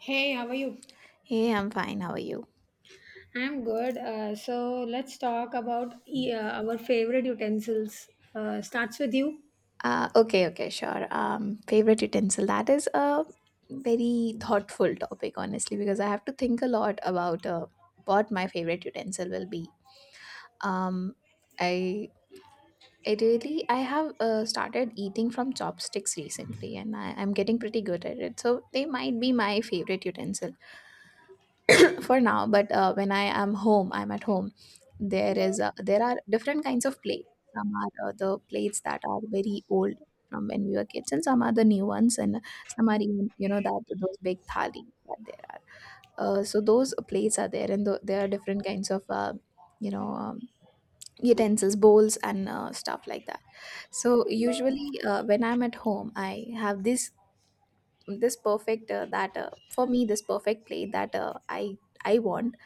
Hey, how are you? Hey, I'm fine. How are you? I'm good. So let's talk about our favorite utensils. Starts with you. Okay, okay, sure. Favorite utensil. That is a very thoughtful topic, honestly, because I have to think a lot about what my favorite utensil will be. Um, I I have started eating from chopsticks recently, and I'm getting pretty good at it. So they might be my favorite utensil for now, but when I'm at home, there is there are different kinds of plates. Some are the plates that are very old from when we were kids, and some are the new ones, and some are even, you know, that those big thali that there are. So those plates are there, and there are different kinds of you know um, utensils, bowls, and stuff like that. So usually, when I'm at home, I have this perfect, that for me, this perfect plate that I want.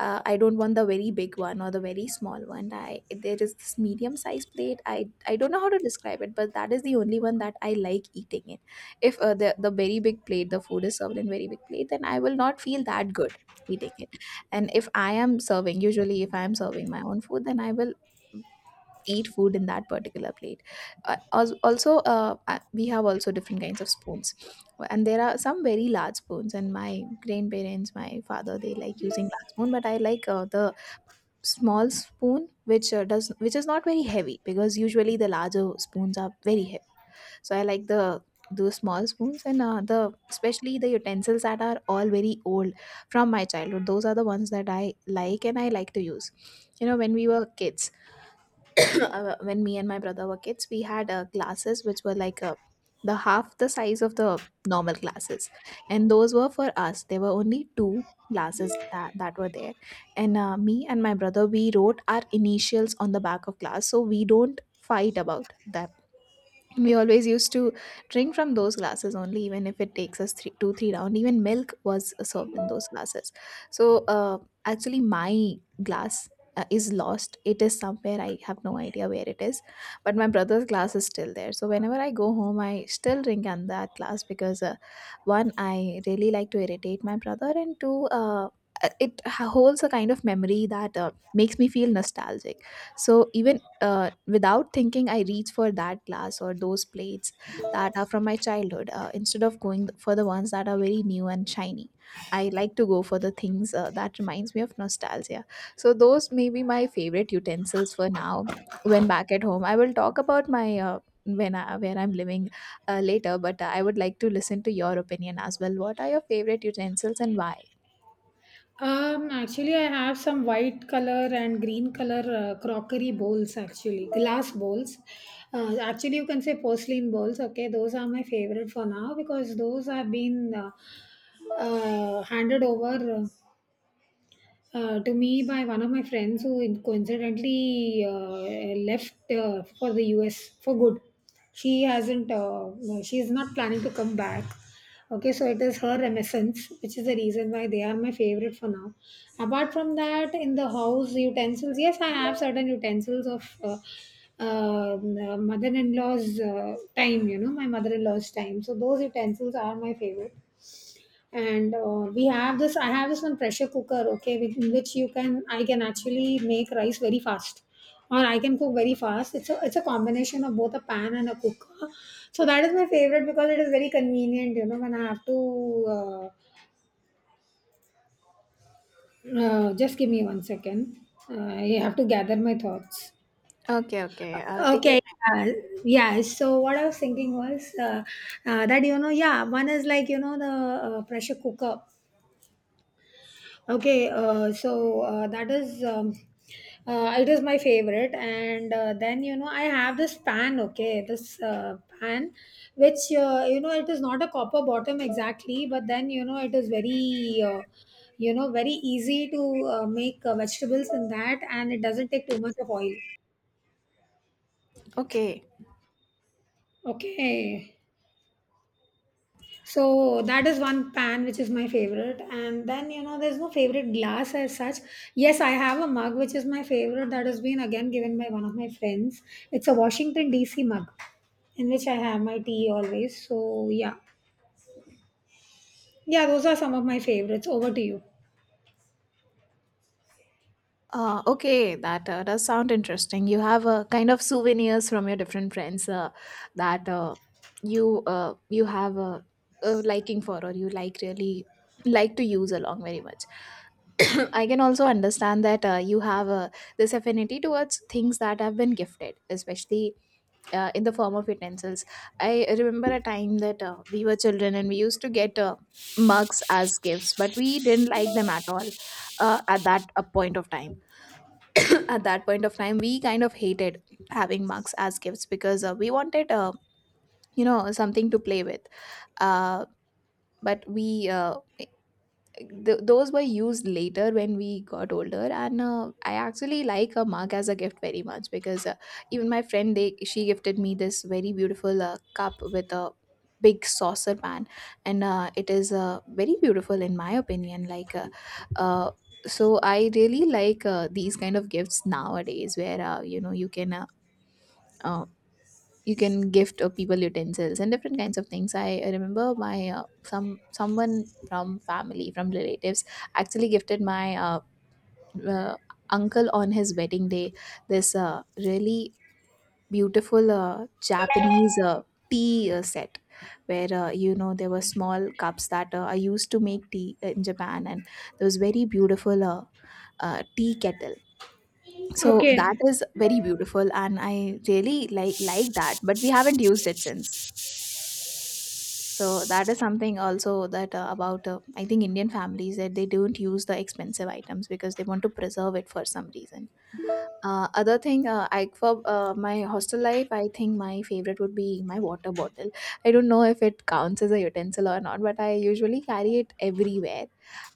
I don't want the very big one or the very small one. I, there is this medium sized plate, I don't know how to describe it, but that is the only one that I like eating it. If the very big plate, the food is served in very big plate, then I will not feel that good eating it. And if I am serving, usually if I am serving my own food, then I will eat food in that particular plate. Als- also We have also different kinds of spoons, and there are some very large spoons, and my grandparents, my father, they like using large spoon, but I like the small spoon, which is not very heavy, because usually the larger spoons are very heavy. So I like the small spoons, and the especially the utensils that are all very old from my childhood, those are the ones that I like and I like to use. You know, when we were kids, when me and my brother were kids, we had classes which were like the half the size of the normal classes, and those were for us. There were only two classes that were there, and me and my brother, we wrote our initials on the back of class, so we don't fight about them. We always used to drink from those glasses only, even if it takes us two, three round. Even milk was served in those glasses. So actually my glass is lost. It is somewhere, I have no idea where it is, but my brother's glass is still there. So whenever I go home, I still drink on that glass, because one, I really like to irritate my brother, and two, it holds a kind of memory that makes me feel nostalgic. So even without thinking, I reach for that glass or those plates that are from my childhood. Instead of going for the ones that are very new and shiny, I like to go for the things that reminds me of nostalgia. So those may be my favorite utensils for now. When back at home, I will talk about my, where I'm living later. But I would like to listen to your opinion as well. What are your favorite utensils and why? Actually, I have some white color and green color crockery bowls. Actually, glass bowls. Actually, you can say porcelain bowls. Okay, those are my favorite for now because those have been handed over. To me by one of my friends who coincidentally left for the US for good. She hasn't, no, she is not planning to come back. Okay, so it is her reminiscence, which is the reason why they are my favorite for now. Apart from that, in the house, utensils, yes, I have certain utensils of mother in law's time, you know, my mother in law's time. So those utensils are my favorite, and we have this I have this one pressure cooker, okay, in which you can I can actually make rice very fast, or I can cook very fast. It's a combination of both a pan and a cooker, so that is my favorite because it is very convenient, you know, when I have to uh, just give me 1 second. I have to gather my thoughts. Okay, okay. Uh, Take your okay time. yeah, yeah, so what I was thinking was that, you know, yeah, one is like, you know, the pressure cooker. Okay, so that is it is my favorite, and then, you know, I have this pan. Okay, this pan, which, you know, it is not a copper bottom exactly, but then, you know, it is very, you know, very easy to make vegetables in that, and it doesn't take too much of oil. Okay. Okay. So that is one pan which is my favorite. And then, you know, there's no favorite glass as such. Yes, I have a mug which is my favorite that has been again given by one of my friends. It's a Washington DC mug in which I have my tea always. So yeah. Yeah, those are some of my favorites. Over to you. Okay, that does sound interesting. You have a kind of souvenirs from your different friends that you you have a liking for, or you like really like to use along very much. I can also understand that you have this affinity towards things that have been gifted, especially in the form of utensils. I remember a time that we were children and we used to get mugs as gifts, but we didn't like them at all at that point of time. At that point of time, we kind of hated having mugs as gifts, because we wanted, you know, something to play with. uh, but we uh, those were used later when we got older, and I actually like a mug as a gift very much, because even my friend, they she gifted me this very beautiful cup with a big saucer pan, and it is very beautiful in my opinion, like. Uh, so I really like these kind of gifts nowadays, where you know, uh, you can gift people utensils and different kinds of things. I remember my, some someone from family, from relatives, actually gifted my uh, uncle on his wedding day this really beautiful Japanese tea set, where you know, there were small cups that I used to make tea in Japan, and there was very beautiful tea kettle. So that Okay. is very beautiful, and I really like that, but we haven't used it since. So that is something also that about I think Indian families, that they don't use the expensive items because they want to preserve it for some reason. Other thing, I, for my hostel life, I think my favorite would be my water bottle. I don't know if it counts as a utensil or not, but I usually carry it everywhere.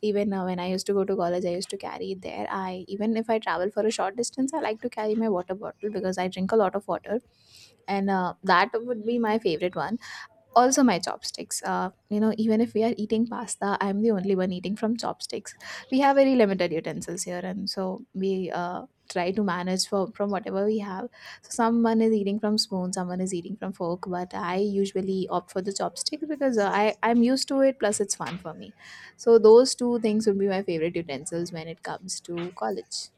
Even when I used to go to college, I used to carry it there. I, even if I travel for a short distance, I like to carry my water bottle because I drink a lot of water, and that would be my favorite one. Also, my chopsticks, you know, even if we are eating pasta, I'm the only one eating from chopsticks. We have very limited utensils here, and so we try to manage from whatever we have. So someone is eating from spoon, someone is eating from fork, but I usually opt for the chopsticks, because I'm used to it, plus it's fun for me. So those two things would be my favorite utensils when it comes to college.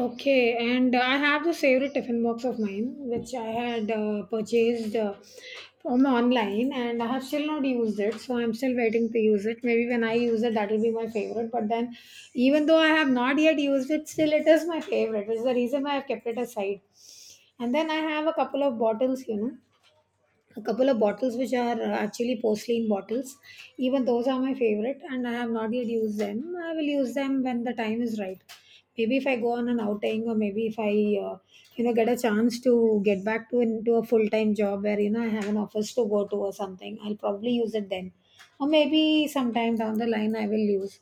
Okay, and I have this favorite tiffin box of mine, which I had purchased from online, and I have still not used it. So I'm still waiting to use it. Maybe when I use it, that will be my favorite. But then, even though I have not yet used it, still it is my favorite, which is the reason why I've kept it aside. And then I have a couple of bottles, you know, a couple of bottles which are actually porcelain bottles. Even those are my favorite, and I have not yet used them. I will use them when the time is right. Maybe if I go on an outing, or maybe if I, you know, get a chance to get back to into a full time job where, you know, I have an office to go to or something, I'll probably use it then, or maybe sometime down the line I will use.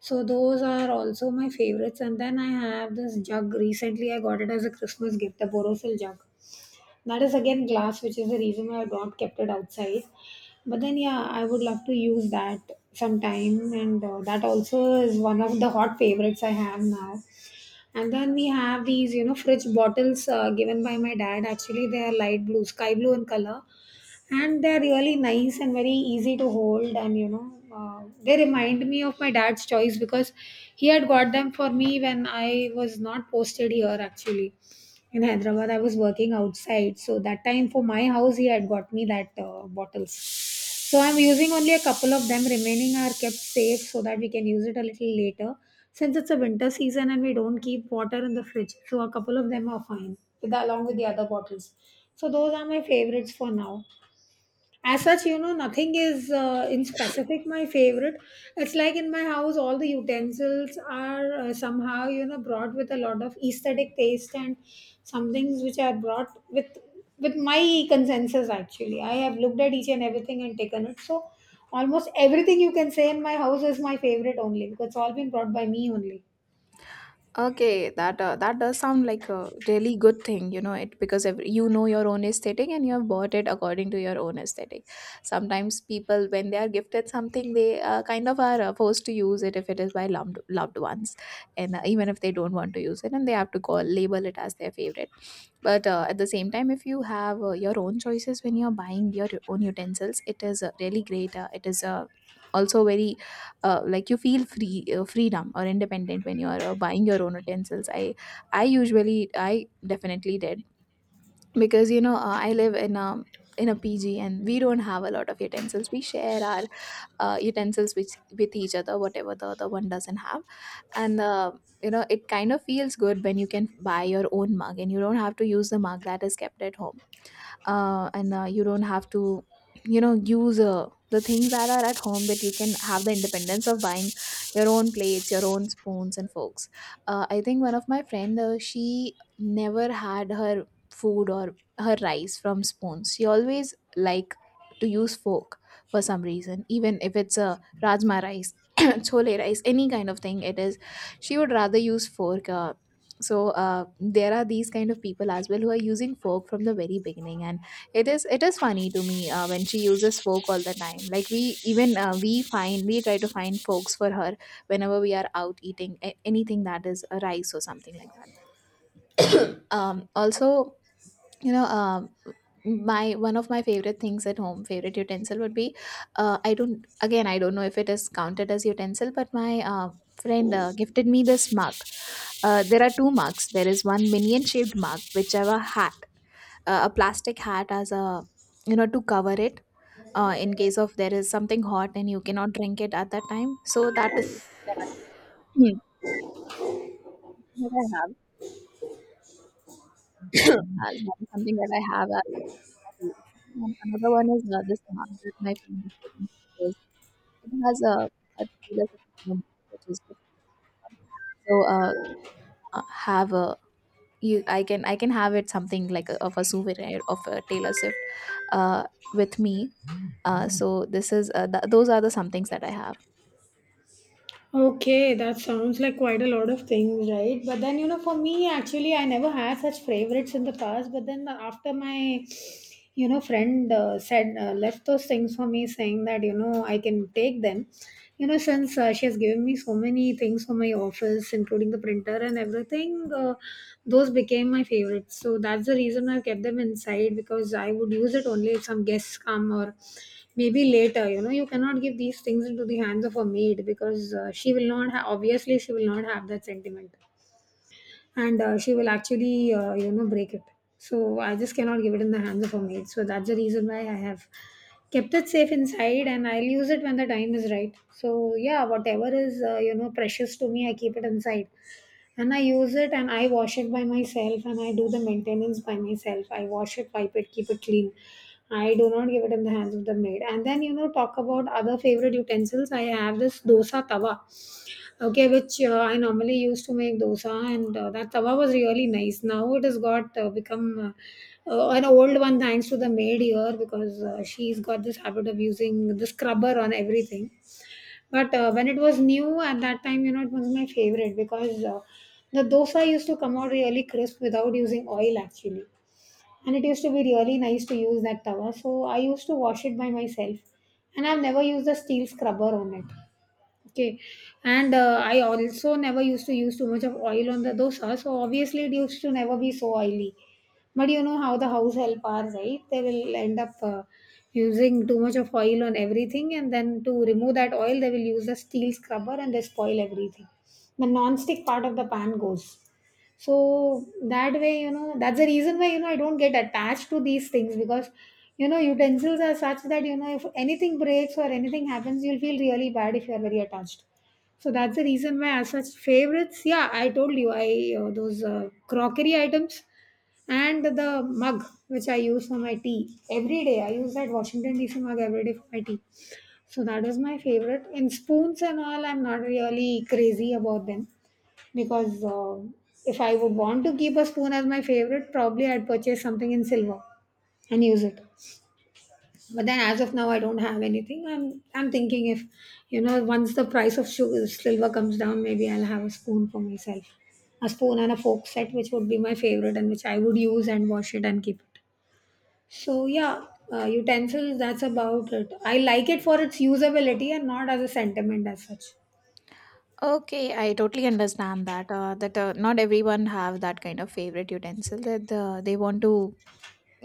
So those are also my favorites, and then I have this jug. Recently, I got it as a Christmas gift, the Borosil jug that is again glass, which is the reason why I have not kept it outside. But then, yeah, I would love to use that sometime, and that also is one of the hot favorites I have now. And then we have these, you know, fridge bottles given by my dad. Actually, they are light blue, sky blue in color, and they're really nice and very easy to hold, and you know, they remind me of my dad's choice because he had got them for me when I was not posted here actually. In Hyderabad, I was working outside, so that time for my house, he had got me that bottles. So I'm using only a couple of them. Remaining are kept safe so that we can use it a little later, since it's a winter season and we don't keep water in the fridge. So a couple of them are fine, with, along with the other bottles. So those are my favorites for now. As such, you know, nothing is in specific my favorite. It's like in my house all the utensils are somehow, you know, brought with a lot of aesthetic taste and some things which are brought with my consensus. Actually, I have looked at each and everything and taken it, so almost everything, you can say, in my house is my favorite only because it's all been brought by me only. Okay, that that does sound like a really good thing, you know, it because every, you know, your own aesthetic, and you have bought it according to your own aesthetic. Sometimes people, when they are gifted something, they kind of are forced to use it if it is by loved ones, and even if they don't want to use it, and they have to call label it as their favorite. But at the same time, if you have your own choices when you're buying your own utensils, it is really great. It is Also very, like, you feel free, freedom or independent when you are buying your own utensils. I definitely did, because you know, I live in a, in a PG, and we don't have a lot of utensils. We share our utensils with each other, whatever the other one doesn't have. And you know, it kind of feels good when you can buy your own mug and you don't have to use the mug that is kept at home, and you don't have to, you know, use the things that are at home, but you can have the independence of buying your own plates, your own spoons and forks. I think one of my friend, she never had her food or her rice from spoons. She always like to use fork for some reason. Even if it's a rajma rice, chole rice, any kind of thing it is, she would rather use fork. There are these kind of people as well, who are using fork from the very beginning, and it is funny to me, when she uses folk all the time. Like, we try to find folks for her whenever we are out eating anything that is a rice or something like that. Also, you know, my, one of my favorite things at home, favorite utensil would be, I don't, again, I don't know if it is counted as utensil, but my friend gifted me this mug. There are two mugs. There is one minion shaped mug which have a hat, a plastic hat as a, you know, to cover it in case of there is something hot and you cannot drink it at that time. So that is that I, Hmm. That I have as, that is something that I have as a hobby. And another one is this mug that my friend is taking photos. It has a there's a camera which is different. so uh, have a you I can have it something like of a souvenir of a Taylor Swift uh, with me. So this is those are the some things that I have. Okay, that sounds like quite a lot of things, right? But then, you know, for me, actually, I never had such favorites in the past. But then, after my, you know, friend left those things for me, saying that, you know, I can take them, you know, since she has given me so many things for my office including the printer and everything, those became my favorites, so that's the reason I kept them inside because I would use it only if some guests come, or maybe later, you know, you cannot give these things into the hands of a maid because she will not ha- obviously she will not have that sentiment, and she will actually, you know, break it. So I just cannot give it in the hands of a maid. So that's the reason why I have kept it safe inside, and I'll use it when the time is right. So yeah, whatever is, you know, precious to me I keep it inside, and I use it, and I wash it by myself, and I do the maintenance by myself. I wash it, wipe it, keep it clean. I do not give it in the hands of the maid. And then, you know, talk about other favorite utensils, I have this dosa tawa. Okay, which I normally used to make dosa, and that tawa was really nice. Now it has got become an old one, thanks to the maid here, because she's got this habit of using the scrubber on everything. But when it was new at that time, you know, it was my favorite because the dosa used to come out really crisp without using oil actually, and it used to be really nice to use that tawa. So I used to wash it by myself, and I've never used a steel scrubber on it. Okay, and I also never used to use too much of oil on the dosa, so obviously it used to never be so oily. But you know how the house help are, right? They will end up using too much of oil on everything, and then to remove that oil, they will use a steel scrubber and they spoil everything. The non-stick part of the pan goes. So that way, you know, that's the reason why, you know, I don't get attached to these things because, you know, utensils are such that, you know, if anything breaks or anything happens, you'll feel really bad if you're very attached. So that's the reason why, as such favorites, yeah, I told you, I those crockery items and the mug which I use for my tea every day. I use that Washington DC mug every day for my tea. So that is my favorite. In spoons and all, I'm not really crazy about them because, if I would want to keep a spoon as my favorite, probably I'd purchase something in silver and use it. But then, as of now, I don't have anything. I'm thinking, if, you know, once the price of sugar, silver comes down, maybe I'll have a spoon for myself, a spoon and a fork set, which would be my favorite and which I would use and wash it and keep it. So yeah, utensils. That's about it. I like it for its usability and not as a sentiment as such. Okay, I totally understand that. Not everyone have that kind of favorite utensil that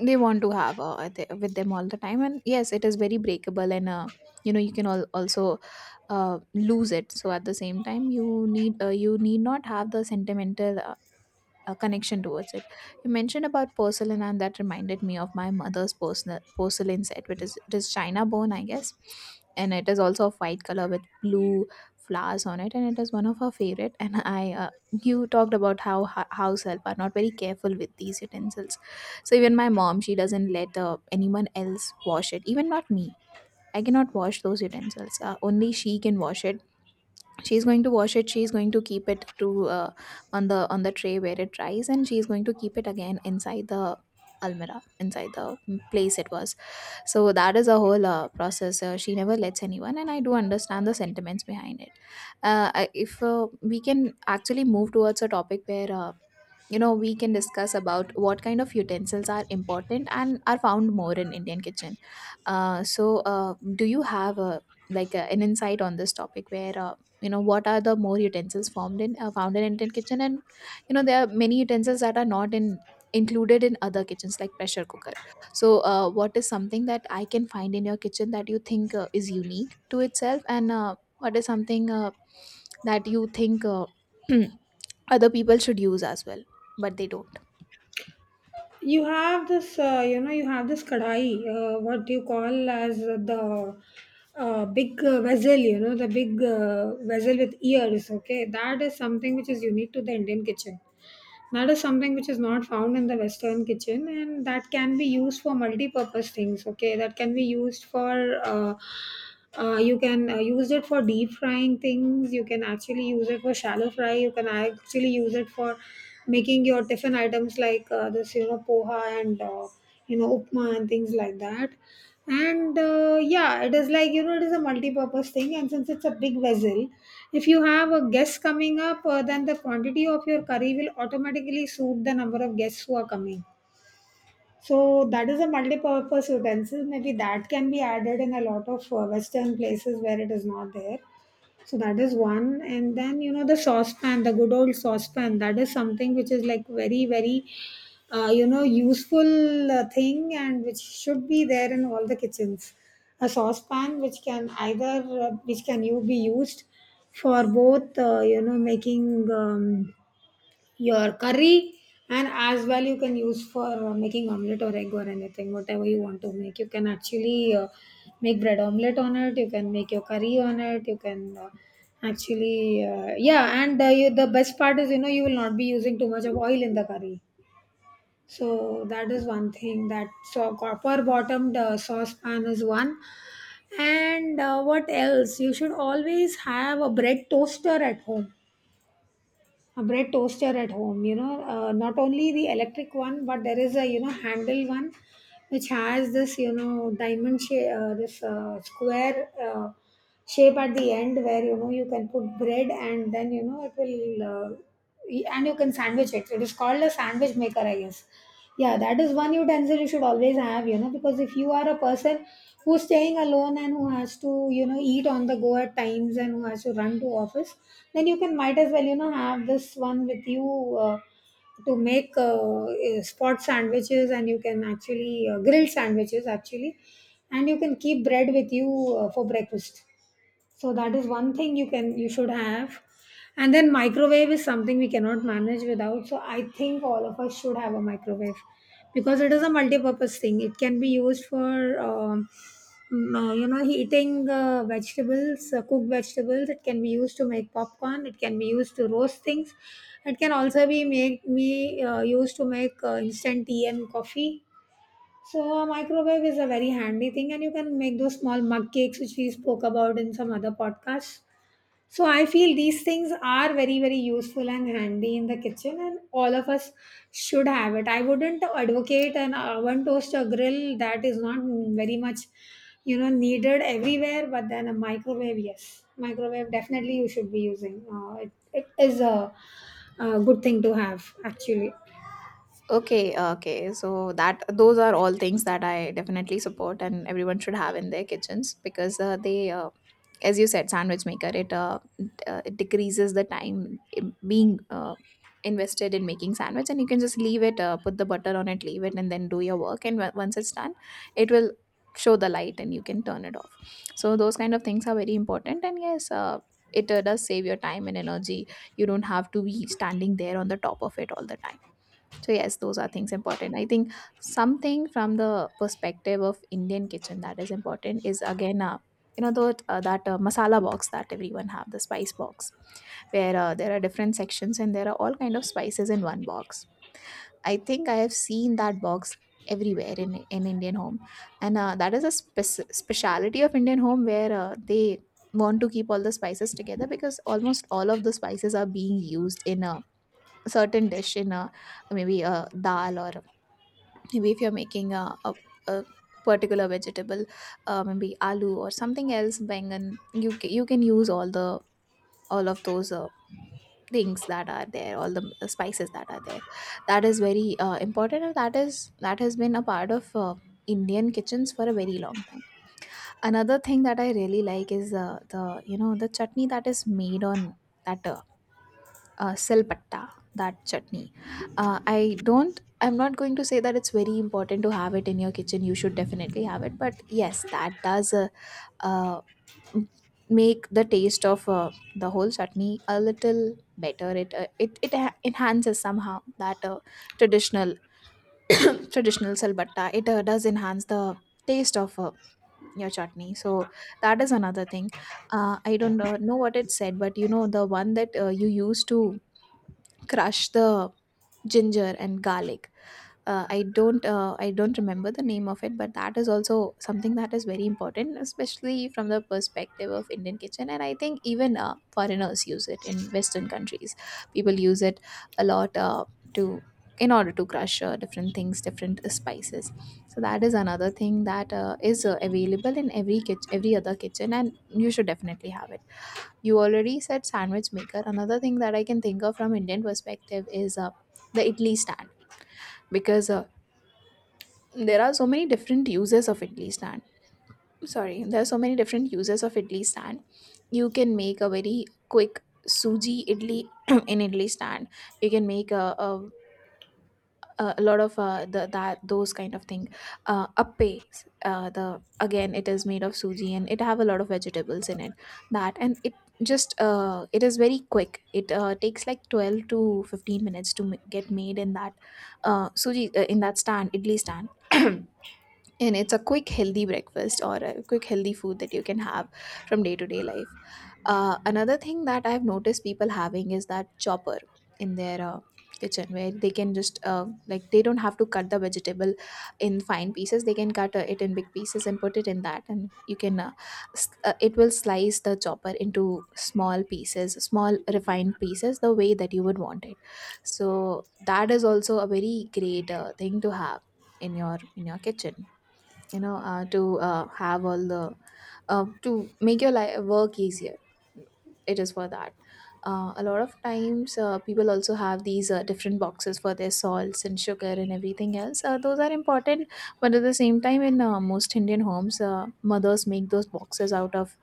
they want to have with them all the time. And yes, it is very breakable, and you can all also lose it. So at the same time, you need not have the sentimental a connection towards it. You mentioned about porcelain, and that reminded me of my mother's porcelain set, which is it is China bone, I guess, and it is also of white color with blue flowers on it, and it is one of her favorite. And you talked about how house help are not very careful with these utensils, so even my mom, she doesn't let anyone else wash it, even not me. I cannot wash those utensils. Only she can wash it. She's going to wash it. She's going to keep it to uh, on the tray where it dries, and she's going to keep it again inside the almirah, inside the place it was. So that is a whole process. She never lets anyone, and I do understand the sentiments behind it. If we can actually move towards a topic where you know we can discuss about what kind of utensils are important and are found more in Indian kitchen. uh, so do you have a like an insight on this topic where you know what are the more utensils formed in found in Indian kitchen? And you know there are many utensils that are not in included in other kitchens like pressure cooker. So what is something that I can find in your kitchen that you think is unique to itself? And what is something that you think other people should use as well, but they don't? You have this, you know, you have this kadai, what you call as the big vessel, you know, the big vessel with ears, okay, that is something which is unique to the Indian kitchen. That is something which is not found in the Western kitchen, and that can be used for multi-purpose things. Okay, that can be used for you can use it for deep frying things. You can actually use it for shallow fry. You can actually use it for making your tiffin items like, this, you know, poha and. You know upma and things like that. And Yeah, it is, like, it is a multi-purpose thing, and since it's a big vessel, if you have a guest coming up, then the quantity of your curry will automatically suit the number of guests who are coming. So that is a multi-purpose utensil maybe that can be added in a lot of western places where it is not there. So that is one, and then, you know, the saucepan, the good old saucepan, that is something which is like very, very you know useful thing and which should be there in all the kitchens. A saucepan which can either which can you be used for both, you know, making your curry, and as well you can use for making omelette or egg or anything whatever you want to make. You can actually make bread omelette on it, you can make your curry on it, you can actually, yeah. The best part is, you know, you will not be using too much of oil in the curry. So that is one thing. That so copper bottomed saucepan is one. And what else? You should always have a bread toaster at home. A bread toaster at home, you know, not only the electric one, but there is a, you know, handle one which has this, you know, diamond shape, this square shape at the end, where, you know, you can put bread and then, you know, it will and you can sandwich it. It is called a sandwich maker, I guess. Yeah, that is one utensil you should always have, you know, because if you are a person who's staying alone and who has to, you know, eat on the go at times and who has to run to office, then you can might as well, you know, have this one with you to make spot sandwiches, and you can actually grill sandwiches actually, and you can keep bread with you for breakfast. So that is one thing you can you should have. And then microwave is something we cannot manage without, so I think all of us should have a microwave, because it is a multi-purpose thing. It can be used for you know, heating vegetables, cooked vegetables. It can be used to make popcorn, it can be used to roast things, it can also be make me used to make instant tea and coffee. So a microwave is a very handy thing, and you can make those small mug cakes which we spoke about in some other podcasts. So I feel these things are very, very useful and handy in the kitchen, and all of us should have it. I wouldn't advocate an oven toaster grill. That is not very much, you know, needed everywhere. But then a microwave, yes, microwave definitely you should be using. It is a good thing to have actually. Okay, okay. So that those are all things that I definitely support and everyone should have in their kitchens because they as you said, sandwich maker, it decreases the time being invested in making sandwich, and you can just leave it, put the butter on it, leave it, and then do your work, and once it's done, it will show the light and you can turn it off. So those kind of things are very important. And yes, it does save your time and energy. You don't have to be standing there on the top of it all the time. So yes, those are things important. I think something from the perspective of Indian kitchen that is important is again, you know that that masala box that everyone have, the spice box, where there are different sections and there are all kind of spices in one box. I think I have seen that box everywhere, in Indian home, and that is a speciality of Indian home where they want to keep all the spices together, because almost all of the spices are being used in a certain dish, in a maybe a dal, or maybe if you're making a particular vegetable, maybe aloo or something else, bangan, you you can use all the all of those things that are there, all the spices that are there. That is very important, and that is that has been a part of Indian kitchens for a very long time. Another thing that I really like is the you know the chutney that is made on that silpatta, that chutney. I don't, I'm not going to say that it's very important to have it in your kitchen, you should definitely have it, but yes, that does uh, m- make the taste of the whole chutney a little better. It it enhances somehow. That traditional traditional silbatta, it does enhance the taste of your chutney. So that is another thing. I don't know what it said, but you know the one that you used to crush the ginger and garlic. I don't remember the name of it, but that is also something that is very important, especially from the perspective of Indian kitchen. And I think even foreigners use it in Western countries. People use it a lot to in order to crush different things, different spices. So that is another thing that is available in every kitchen, every other kitchen, and you should definitely have it. You already said sandwich maker. Another thing that I can think of from Indian perspective is the idli stand, because there are so many different uses of idli stand. Sorry, there are so many different uses of idli stand. You can make a very quick suji idli in idli stand. You can make a lot of the that those kind of thing, appe, the again it is made of suji and it have a lot of vegetables in it. That and it just it is very quick. It takes like 12 to 15 minutes to get made in that suji in that stand, idli stand. And it's a quick healthy breakfast or a quick healthy food that you can have from day to day life. Another thing that I've noticed people having is that chopper in their kitchen, where they can just like they don't have to cut the vegetable in fine pieces, they can cut it in big pieces and put it in that, and you can it will slice the chopper into small pieces, small refined pieces, the way that you would want it. So that is also a very great thing to have in your kitchen, you know, to have all the to make your life work easier. It is for that. A lot of times, people also have these different boxes for their salts and sugar and everything else. Those are important, but at the same time, in most Indian homes, mothers make those boxes out of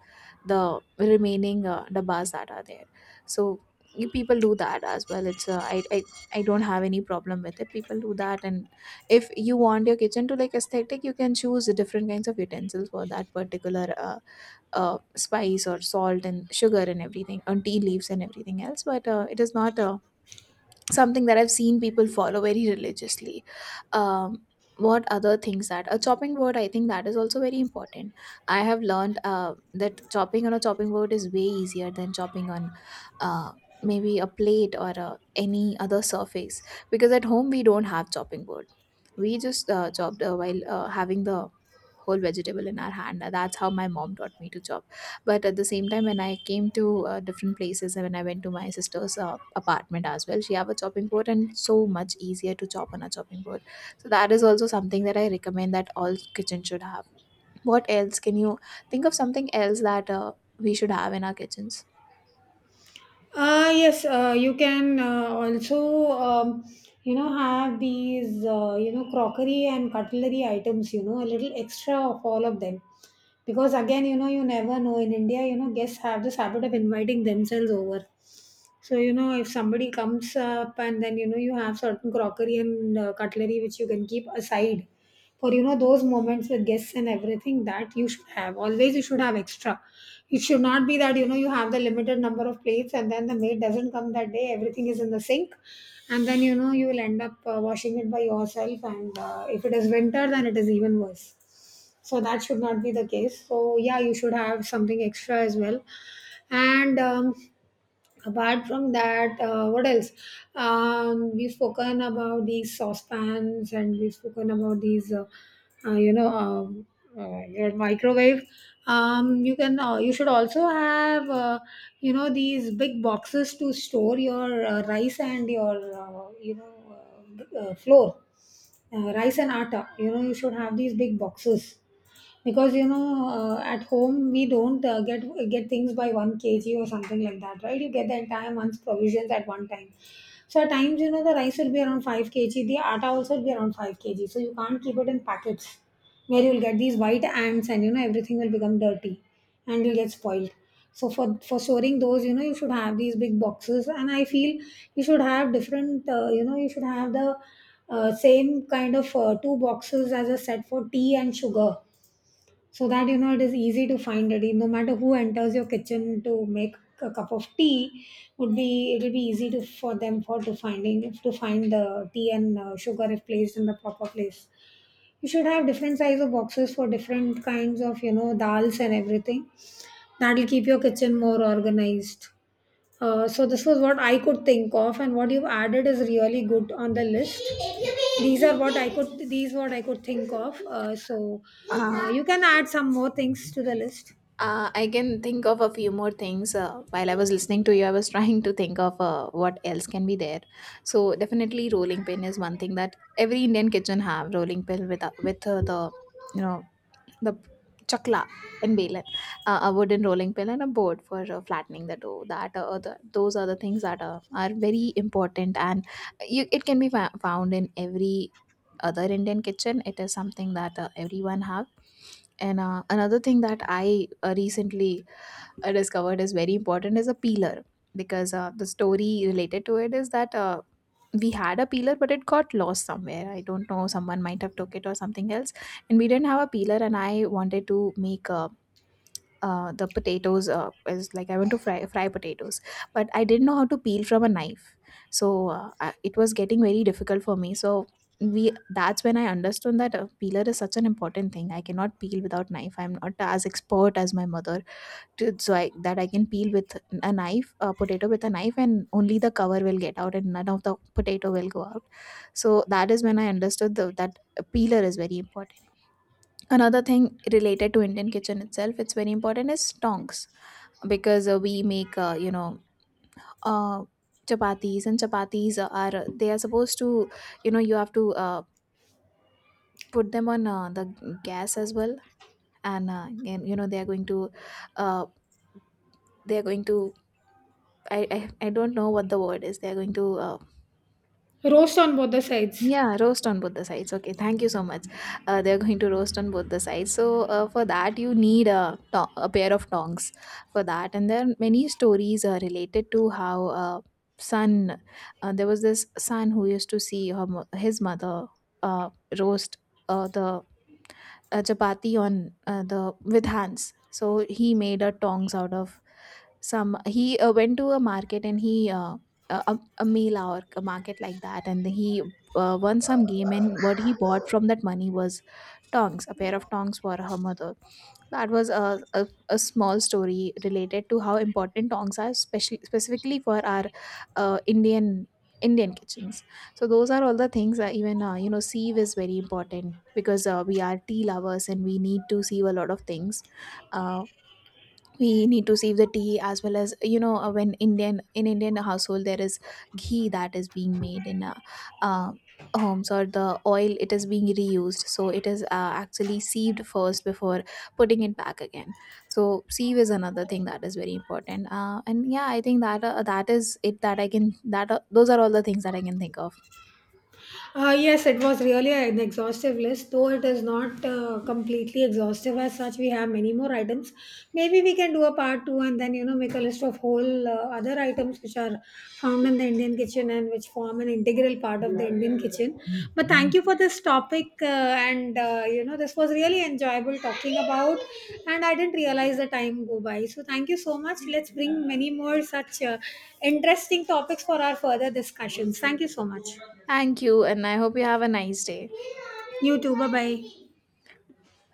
the remaining dabbas that are there. So you people do that as well. It's I don't have any problem with it, people do that. And if you want your kitchen to like aesthetic, you can choose different kinds of utensils for that particular spice or salt and sugar and everything and tea leaves and everything else, but it is not a something that I've seen people follow very religiously. Um, what other things that a chopping board? I think that is also very important. I have learned that chopping on a chopping board is way easier than chopping on uh, maybe a plate or any other surface, because at home we don't have chopping board. We just chopped while having the whole vegetable in our hand. That's how my mom taught me to chop. But at the same time, when I came to different places, and when I went to my sister's apartment as well, she have a chopping board, and so much easier to chop on a chopping board. So that is also something that I recommend that all kitchen should have. What else can you think of, something else that we should have in our kitchens? Yes, you can also, you know, have these, you know, crockery and cutlery items, you know, a little extra of all of them. Because again, you know, you never know. In India, you know, guests have this habit of inviting themselves over. So, you know, if somebody comes up and then, you know, you have certain crockery and cutlery which you can keep aside for, you know, those moments with guests and everything, that you should have always. You should have extra. It should not be that, you know, you have the limited number of plates and then the maid doesn't come that day, everything is in the sink, and then, you know, you will end up washing it by yourself, and if it is winter then it is even worse. So that should not be the case. So yeah, you should have something extra as well. And apart from that, what else? We've spoken about these saucepans, and we've spoken about these uh, you know um, your microwave. You can you should also have you know, these big boxes to store your rice and your, flour, rice and atta. You know, you should have these big boxes, because, you know, at home we don't get things by 1 kg or something like that, right? You get the entire month's provisions at one time. So at times, you know, the rice will be around 5 kg, the atta also will be around 5 kg, so you can't keep it in packets where you'll get these white ants and, you know, everything will become dirty and you'll get spoiled. So for storing those, you know, you should have these big boxes. And I feel you should have different, you know, you should have the same kind of two boxes as a set for tea and sugar, so that, you know, it is easy to find it no matter who enters your kitchen to make a cup of tea. Would be it'll be easy to for them for to finding to find the tea and sugar if placed in the proper place. You should have different size of boxes for different kinds of, you know, dals and everything. That'll keep your kitchen more organized. So this was what I could think of, and what you've added is really good on the list. These are what I could. These what I could think of. So uh, you can add some more things to the list. I can think of a few more things. While I was listening to you, I was trying to think of what else can be there. So definitely, rolling pin is one thing that every Indian kitchen have, rolling pin with the you know the chakla and Balan, a wooden rolling pin and a board for flattening the dough. Those are the things that are very important, and you, it can be found in every other Indian kitchen. It is something that everyone have. And another thing that I recently discovered is very important is a peeler, because the story related to it is that we had a peeler, but it got lost somewhere. I don't know, someone might have took it or something else, and we didn't have a peeler, and I wanted to make the potatoes. Is Like I want to fry potatoes, but I didn't know how to peel from a knife. So it was getting very difficult for me. So we that's when I understood that a peeler is such an important thing. I cannot peel without knife, I'm not as expert as my mother. It so I, that I can peel with a knife, a potato with a knife, and only the cover will get out, and none of the potato will go out. So that is when I understood that a peeler is very important. Another thing related to Indian kitchen itself, it's very important is tongs, because we make Uh, chapatis, and chapatis are they are supposed to you know you have to put them on the gas as well. And, you know they are going to uh, they are going to I, I I don't know what the word is. They're going to Roast on both the sides. yeah, roast on both the sides. Okay, thank you so much. They're going to roast on both the sides. So for that you need a a pair of tongs for that. And there are many stories related to how uh, son, there was this son who used to see his mother uh, roast the a chapati on the with hands. So he made a tongs out of some. He went to a market, and he a meal or a market like that, and he won some game. And what he bought from that money was tongs, a pair of tongs for her mother. That was a small story related to how important tongs are, especially specifically for our uh, Indian Indian kitchens. So those are all the things. That even you know sieve is very important, because we are tea lovers and we need to sieve a lot of things. Uh, we need to save the tea as well. As you know, when indian in Indian household there is ghee that is being made in uh, homes, or the oil, it is being reused, so it is actually sieved first before putting it back again. So sieve is another thing that is very important. And yeah, I think that that is it that I can that those are all the things that I can think of. Yes, it was really an exhaustive list, though it is not completely exhaustive as such. We have many more items. Maybe we can do a part two and then, you know, make a list of whole other items which are found in the Indian kitchen and which form an integral part of the Indian kitchen. But thank you for this topic. And you know, this was really enjoyable talking about. And I didn't realize the time go by. So thank you so much. Let's bring many more such interesting topics for our further discussions. Thank you so much. Thank you, and I hope you have a nice day. YouTube. Bye bye.